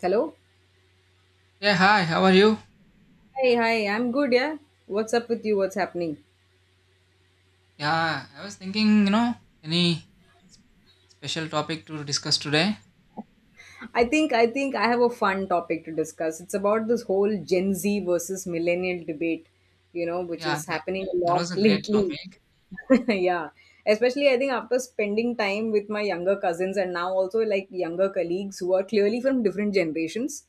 Hello. Yeah, hi, how are you? Hey, hi. I'm good. Yeah. What's up with you? What's happening? Yeah, I was thinking, any special topic to discuss today? I think I have a fun topic to discuss. It's about this whole Gen Z versus millennial debate, which Yeah, is happening a that lot was a great lately. topic. Yeah, especially I think after spending time with my younger cousins and now also like younger colleagues who are clearly from different generations.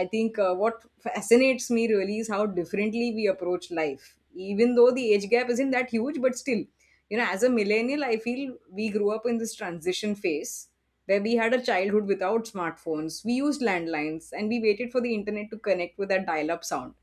I think what fascinates me really is how differently we approach life, even though the age gap isn't that huge. But still, you know, as a millennial, I feel we grew up in this transition phase where we had a childhood without smartphones. We used landlines and we waited for the internet to connect with that dial up sound,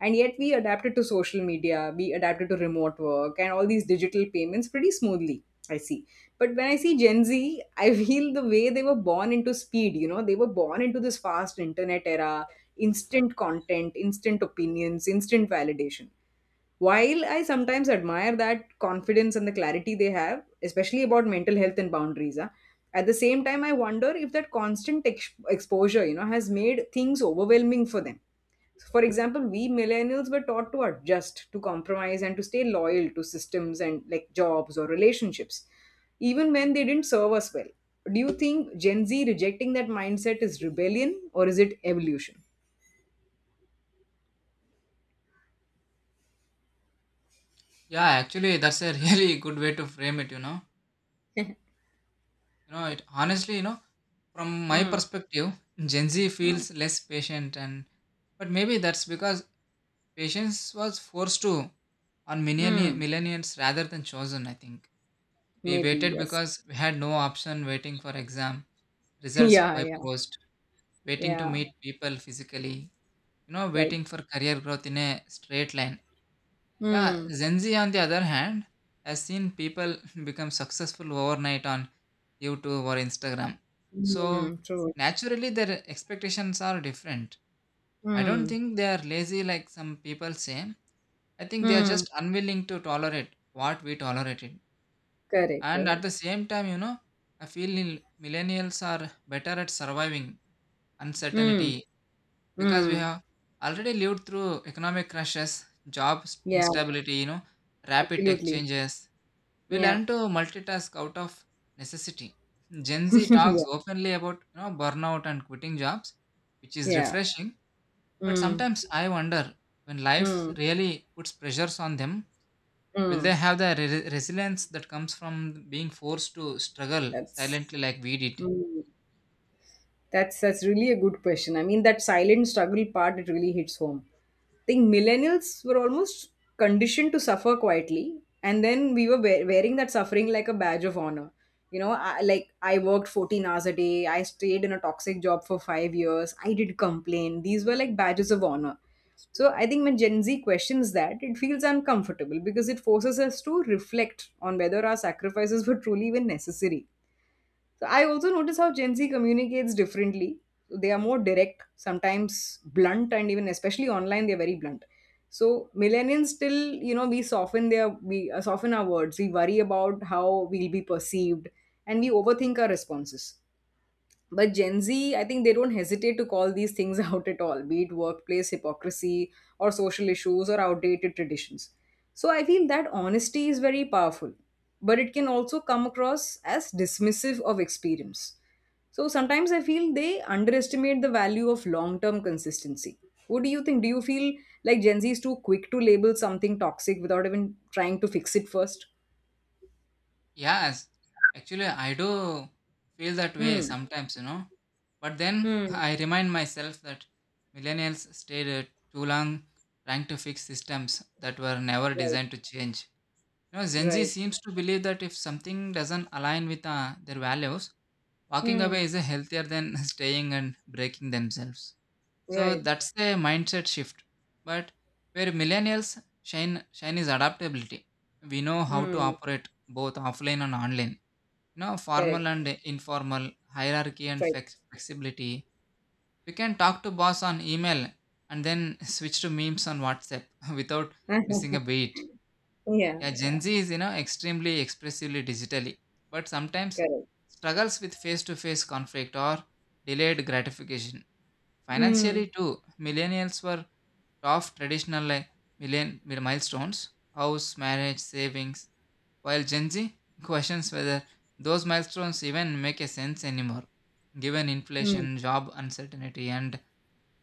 and yet we adapted to social media, we adapted to remote work and all these digital payments pretty smoothly. I see. But when I see Gen Z, I feel the way they were born into speed. You know, they were born into this fast internet era, instant content, instant opinions, instant validation. While I sometimes admire that confidence and the clarity they have, especially about mental health and boundaries, ah, at the same time, I wonder if that constant exposure, you know, has made things overwhelming for them. For example, we millennials were taught to adjust, to compromise, and to stay loyal to systems and like jobs or relationships, even when they didn't serve us well. Do you think Gen Z rejecting that mindset is rebellion or is it evolution? Yeah, actually, that's a really good way to frame it, you know. You know, it honestly, you know, from my Mm, perspective, Gen Z mm, feels less patient. And but maybe that's because patience was forced to on mm, millennials rather than chosen, I think. We maybe, waited yes. because we had no option, waiting for exam results Yeah, by yeah, post, waiting to yeah, meet people physically, you know, right. waiting for career growth in a straight line. Yeah, Mm, Gen Z, on the other hand, has seen people become successful overnight on YouTube or Instagram. So, mm, true. naturally, their expectations are different. I don't Mm, think they are lazy like some people say. I think they are mm, just unwilling to tolerate what we tolerated. correct, And at correct. the same time, you know, I feel millennials are better at surviving Mm, uncertainty because we mm, have already lived through economic crashes, job yeah, instability, you know, rapid tech absolutely. changes. We Yeah, learn to multitask out of necessity. Gen Z talks yeah, openly about, you know, burnout and quitting jobs, which is yeah. refreshing. But Mm, sometimes I wonder, when life mm, really puts pressures on them, will mm. they have the resilience that comes from being forced to struggle That's silently like we did? mm, that's really a good question. I mean, that silent struggle part, it really hits home. Think millennials were almost conditioned to suffer quietly, and then we were wearing that suffering like a badge of honor. I worked 14 hours a day, I stayed in a toxic job for 5 years, I did complain, these were like badges of honor. So I think when Gen Z questions that, it feels uncomfortable because it forces us to reflect on whether our sacrifices were truly even necessary. So I also notice how Gen Z communicates differently. So, they are more direct, sometimes blunt, and even especially online, they're very blunt. So millennials still, you know, we soften our words. We worry about how we'll be perceived, and we overthink our responses. But Gen Z, I think they don't hesitate to call these things out at all, be it workplace hypocrisy or social issues or outdated traditions. So I feel that honesty is very powerful, but it can also come across as dismissive of experience. So sometimes I feel they underestimate the value of long term consistency. What do you think? Do you feel like Gen Z is too quick to label something toxic without even trying to fix it first? Yes, actually, I do feel that way Hmm. sometimes, you know. But then Hmm. I remind myself that millennials stayed too long trying to fix systems that were never Right. designed to change. You know, Gen Z Right. seems to believe that if something doesn't align with their values, walking Hmm. away is healthier than staying and breaking themselves. So Right. that's a mindset shift. But where millennials shine is adaptability. We know how to Hmm. operate both offline and online, no, formal Correct. and informal, hierarchy and Right. Flexibility. We can talk to boss on email and then switch to memes on WhatsApp without missing a beat. Yeah. Yeah, Yeah. Gen Z is, you know, extremely expressively digitally, but sometimes Correct. struggles with face-to-face conflict or delayed gratification. Mm. Financially too, millennials were tough traditional like million milestones, house, marriage, savings, while Gen Z questions whether those milestones even make a sense anymore, given Mm. inflation, job uncertainty, and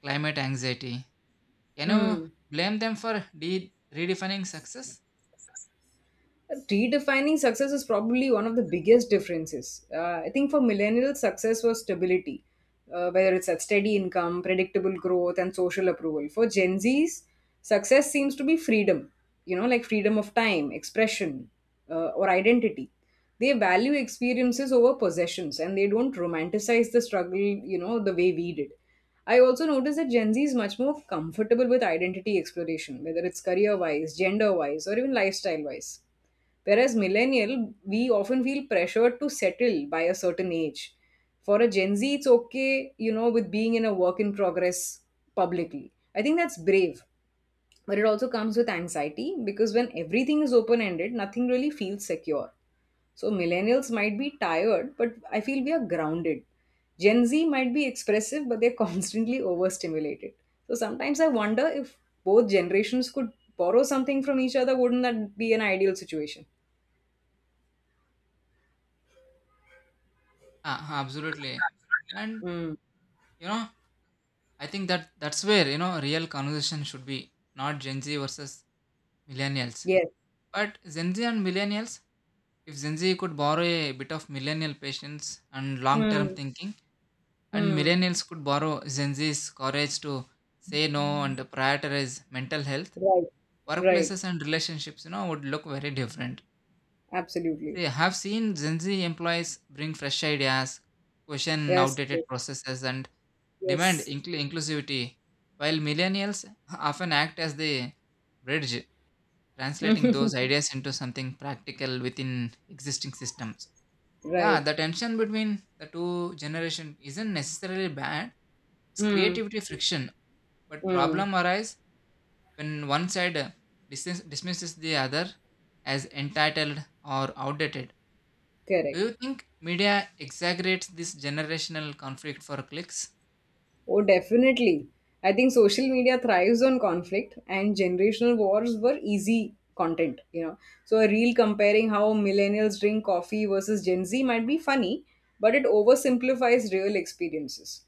climate anxiety. Can you Mm. blame them for redefining success? Redefining success is probably one of the biggest differences. I think for millennials, success was stability, whether it's a steady income, predictable growth, and social approval. For Gen Zs, success seems to be freedom, you know, like freedom of time, expression, or identity. They value experiences over possessions and they don't romanticize the struggle, you know, the way we did. I also noticed that Gen Z is much more comfortable with identity exploration, whether it's career wise, gender wise, or even lifestyle wise. Whereas millennial, we often feel pressured to settle by a certain age. For a Gen Z, it's okay, you know, with being in a work in progress publicly. I think that's brave, but it also comes with anxiety because when everything is open ended, nothing really feels secure. So millennials might be tired, but I feel we are grounded. Gen Z might be expressive, but they're constantly overstimulated. So sometimes I wonder if both generations could borrow something from each other, wouldn't that be an ideal situation? Ah, absolutely. And Mm. you know, I think that's where, you know, real conversation should be, not Gen Z versus millennials, Yes. but Gen Z and millennials. If Gen Z could borrow a bit of millennial patience and long-term Mm, thinking, and mm, millennials could borrow Gen Z's courage to say no and prioritize mental health, right. Right. workplaces and relationships, you know, would look very different. Absolutely. See, I have seen Gen Z employees bring fresh ideas, question Yes. outdated processes, and demand Yes. Inclusivity, while millennials often act as the bridge, translating Yes. those ideas into something practical within existing systems. Yeah, Right. the tension between the two generation isn't necessarily bad. It's Mm. creativity friction. But Mm. problem arise when one side dismisses the other as entitled or outdated. Do Correct. you think media exaggerates this generational conflict for clicks? Oh, definitely. I think social media thrives on conflict, and generational wars were easy content, you know. So, a reel comparing how millennials drink coffee versus Gen Z might be funny, but it oversimplifies real experiences.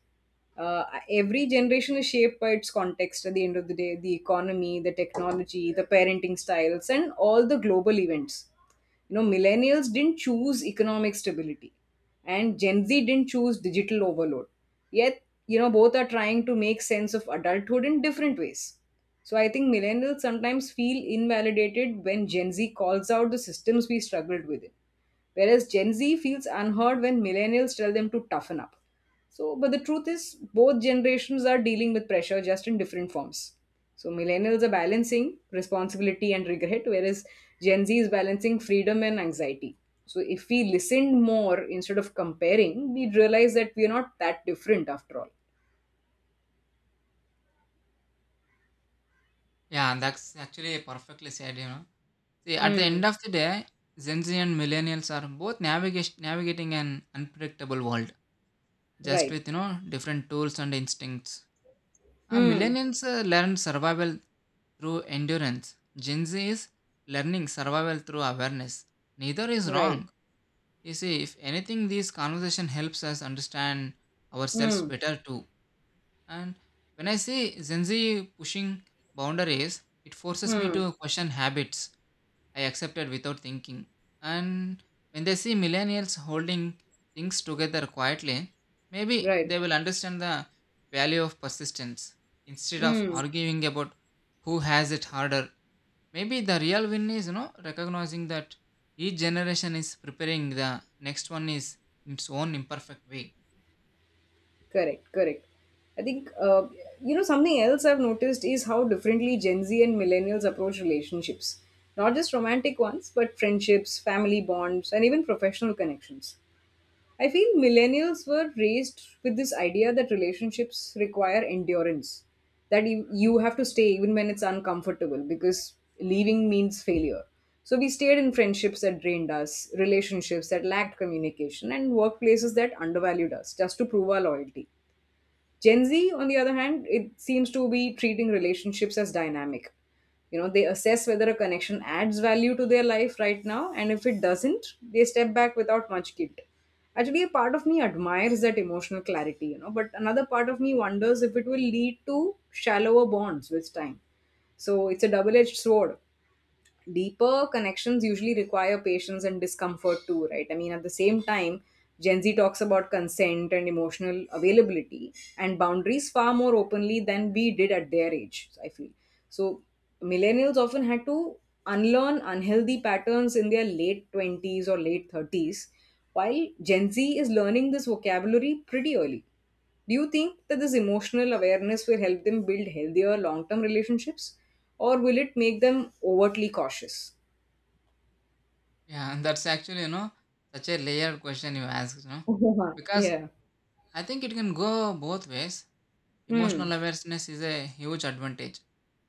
Every generation is shaped by its context at the end of the day, the economy, the technology, the parenting styles, and all the global events. You know, millennials didn't choose economic stability and Gen Z didn't choose digital overload, yet, you know, both are trying to make sense of adulthood in different ways. So I think millennials sometimes feel invalidated when Gen Z calls out the systems we struggled with, whereas Gen Z feels unheard when millennials tell them to toughen up. So, but the truth is, both generations are dealing with pressure just in different forms. So, millennials are balancing responsibility and regret, whereas Gen Z is balancing freedom and anxiety. So, if we listened more instead of comparing, we'd realize that we're not that different after all. Yeah, that's actually perfectly said, you know. See, at the end Hmm. of the day, Gen Z and millennials are both navigating an unpredictable world, just Right. with, you know, different tools and instincts. Hmm. Millennials learn survival through endurance. Gen Z is learning survival through awareness. Neither is Right. wrong. You see, if anything, this conversation helps us understand ourselves Hmm. better too. And when I say Gen Z pushing boundaries, it forces me Hmm. to question habits I accepted without thinking. And when they see millennials holding things together quietly, maybe Right. they will understand the value of persistence instead of Hmm. arguing about who has it harder. Maybe the real win is, you know, recognizing that each generation is preparing the next one, is in its own imperfect way. Correct, correct. I think, you know, something else I've noticed is how differently Gen Z and millennials approach relationships. Not just romantic ones, but friendships, family bonds, and even professional connections. I feel millennials were raised with this idea that relationships require endurance, that you have to stay even when it's uncomfortable because leaving means failure. So we stayed in friendships that drained us, relationships that lacked communication, and workplaces that undervalued us, just to prove our loyalty. Gen Z, on the other hand, it seems to be treating relationships as dynamic. You know, they assess whether a connection adds value to their life right now, and if it doesn't, they step back without much guilt. Actually, a part of me admires that emotional clarity, you know, but another part of me wonders if it will lead to shallower bonds with time. So it's a double edged sword. Deeper connections usually require patience and discomfort too, right? I mean, at the same time, Gen Z talks about consent and emotional availability and boundaries far more openly than we did at their age, I feel. So, millennials often had to unlearn unhealthy patterns in their late 20s or late 30s, while Gen Z is learning this vocabulary pretty early. Do you think that this emotional awareness will help them build healthier long term relationships, or will it make them overtly cautious? Yeah, and that's actually, you know, such a layered question you asked, you know, because Yeah. I think it can go both ways. Hmm. Emotional awareness is a huge advantage,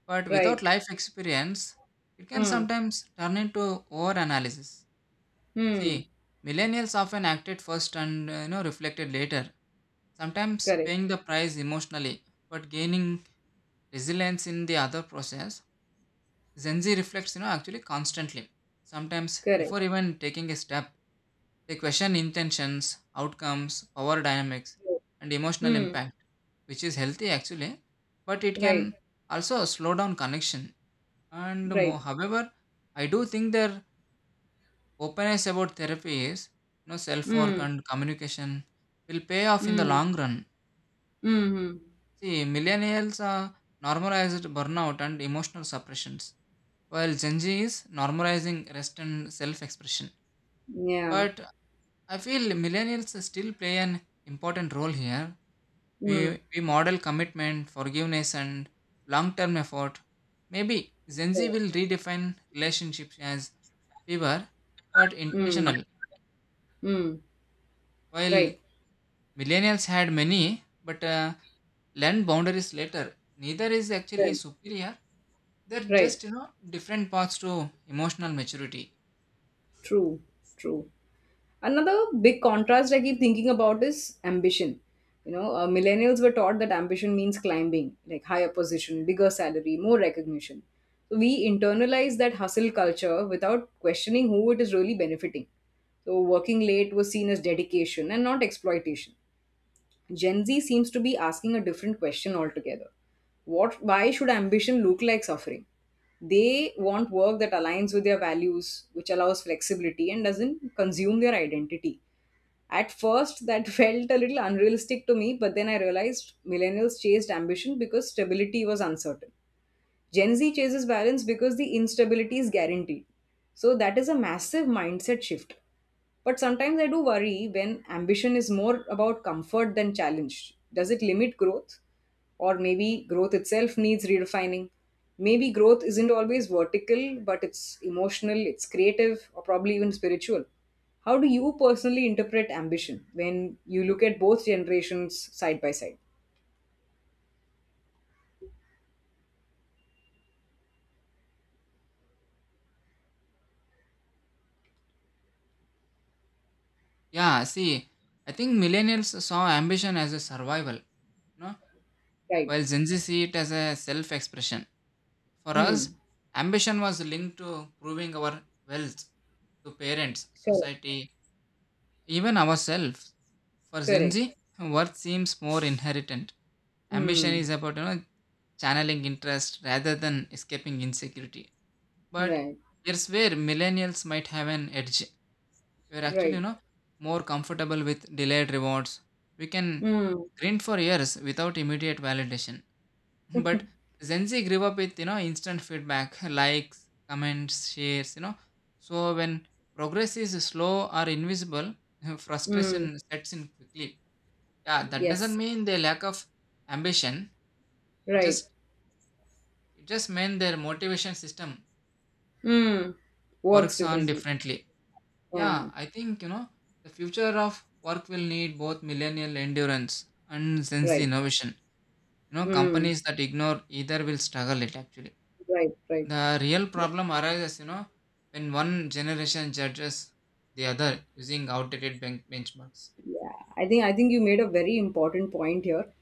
but without Right. life experience, it can Hmm. sometimes turn into over analysis. Hmm. See, millennials often acted first and, you know, reflected later, sometimes Correct. paying the price emotionally, but gaining resilience in the other process. Gen Z reflects, you know, actually constantly, sometimes Correct. before even taking a step. They question intentions, outcomes, power dynamics, and emotional Hmm. impact, which is healthy actually, but it can Right. also slow down connection. And more Right. however, I do think their openness about therapy is, you know, self work Hmm. and communication will pay off in the Hmm. long run. Hmm. See, millennials are normalized burnout and emotional suppressions, while Gen Z is normalizing rest and self expression. Yeah. But I feel millennials still play an important role here. We, Hmm. we model commitment, forgiveness, and long term effort. Maybe Gen Z will redefine relationships as fewer but Hmm. intentional, Hmm. while Right. millennials had many but learned boundaries later. Neither is actually Right. superior, they're Right. just, you know, different paths to emotional maturity. True. True. Another big contrast I keep thinking about is ambition. You know, millennials were taught that ambition means climbing, like higher position, bigger salary, more recognition. So we internalize that hustle culture without questioning who it is really benefiting. So working late was seen as dedication and not exploitation. Gen Z seems to be asking a different question altogether. What why should ambition look like suffering? They want work that aligns with their values, which allows flexibility and doesn't consume their identity. At first, that felt a little unrealistic to me, but then I realized millennials chased ambition because stability was uncertain. Gen Z chases balance because the instability is guaranteed. So that is a massive mindset shift. But sometimes I do worry when ambition is more about comfort than challenge. Does it limit growth? Or maybe growth itself needs redefining. Maybe growth isn't always vertical, but it's emotional, it's creative, or probably even spiritual. How do you personally interpret ambition when you look at both generations side by side? Yeah, see, I think millennials saw ambition as a survival, you know, Right. while Gen Z see it as a self expression. For Hmm. us, ambition was linked to proving our wealth to parents, Correct. society, even ourselves. For Gen Correct. Z, worth seems more inherent. Ambition Hmm. is about, you know, channeling interest rather than escaping insecurity. But Right, here's where millennials might have an edge. We're actually, you right. know, more comfortable with delayed rewards. We can Mm, grind for years without immediate validation. But Gen Z grew up with, you know, instant feedback, likes, comments, shares, you know. So when progress is slow or invisible, mm, frustration sets in quickly. Yeah, that doesn't yes, mean they lack of ambition. It right. just it just means their motivation system Mm, works works on differently. differently. Yeah, Yeah, I think, you know, the future of work will need both millennial endurance and sense right. innovation. You know, Mm, companies that ignore either will struggle it actually. right, right. The real Yeah, problem arises, you know, when one generation judges the other using outdated benchmarks. I think you made a very important point here,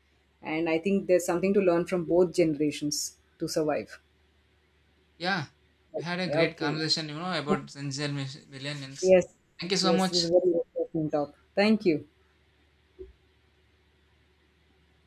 and I think there's something to learn from both generations to survive. Yeah, we had a great Okay. conversation, you know, about Gen Z millennials. Yes, Thank you so yes, it was much. a very interesting talk. Thank you.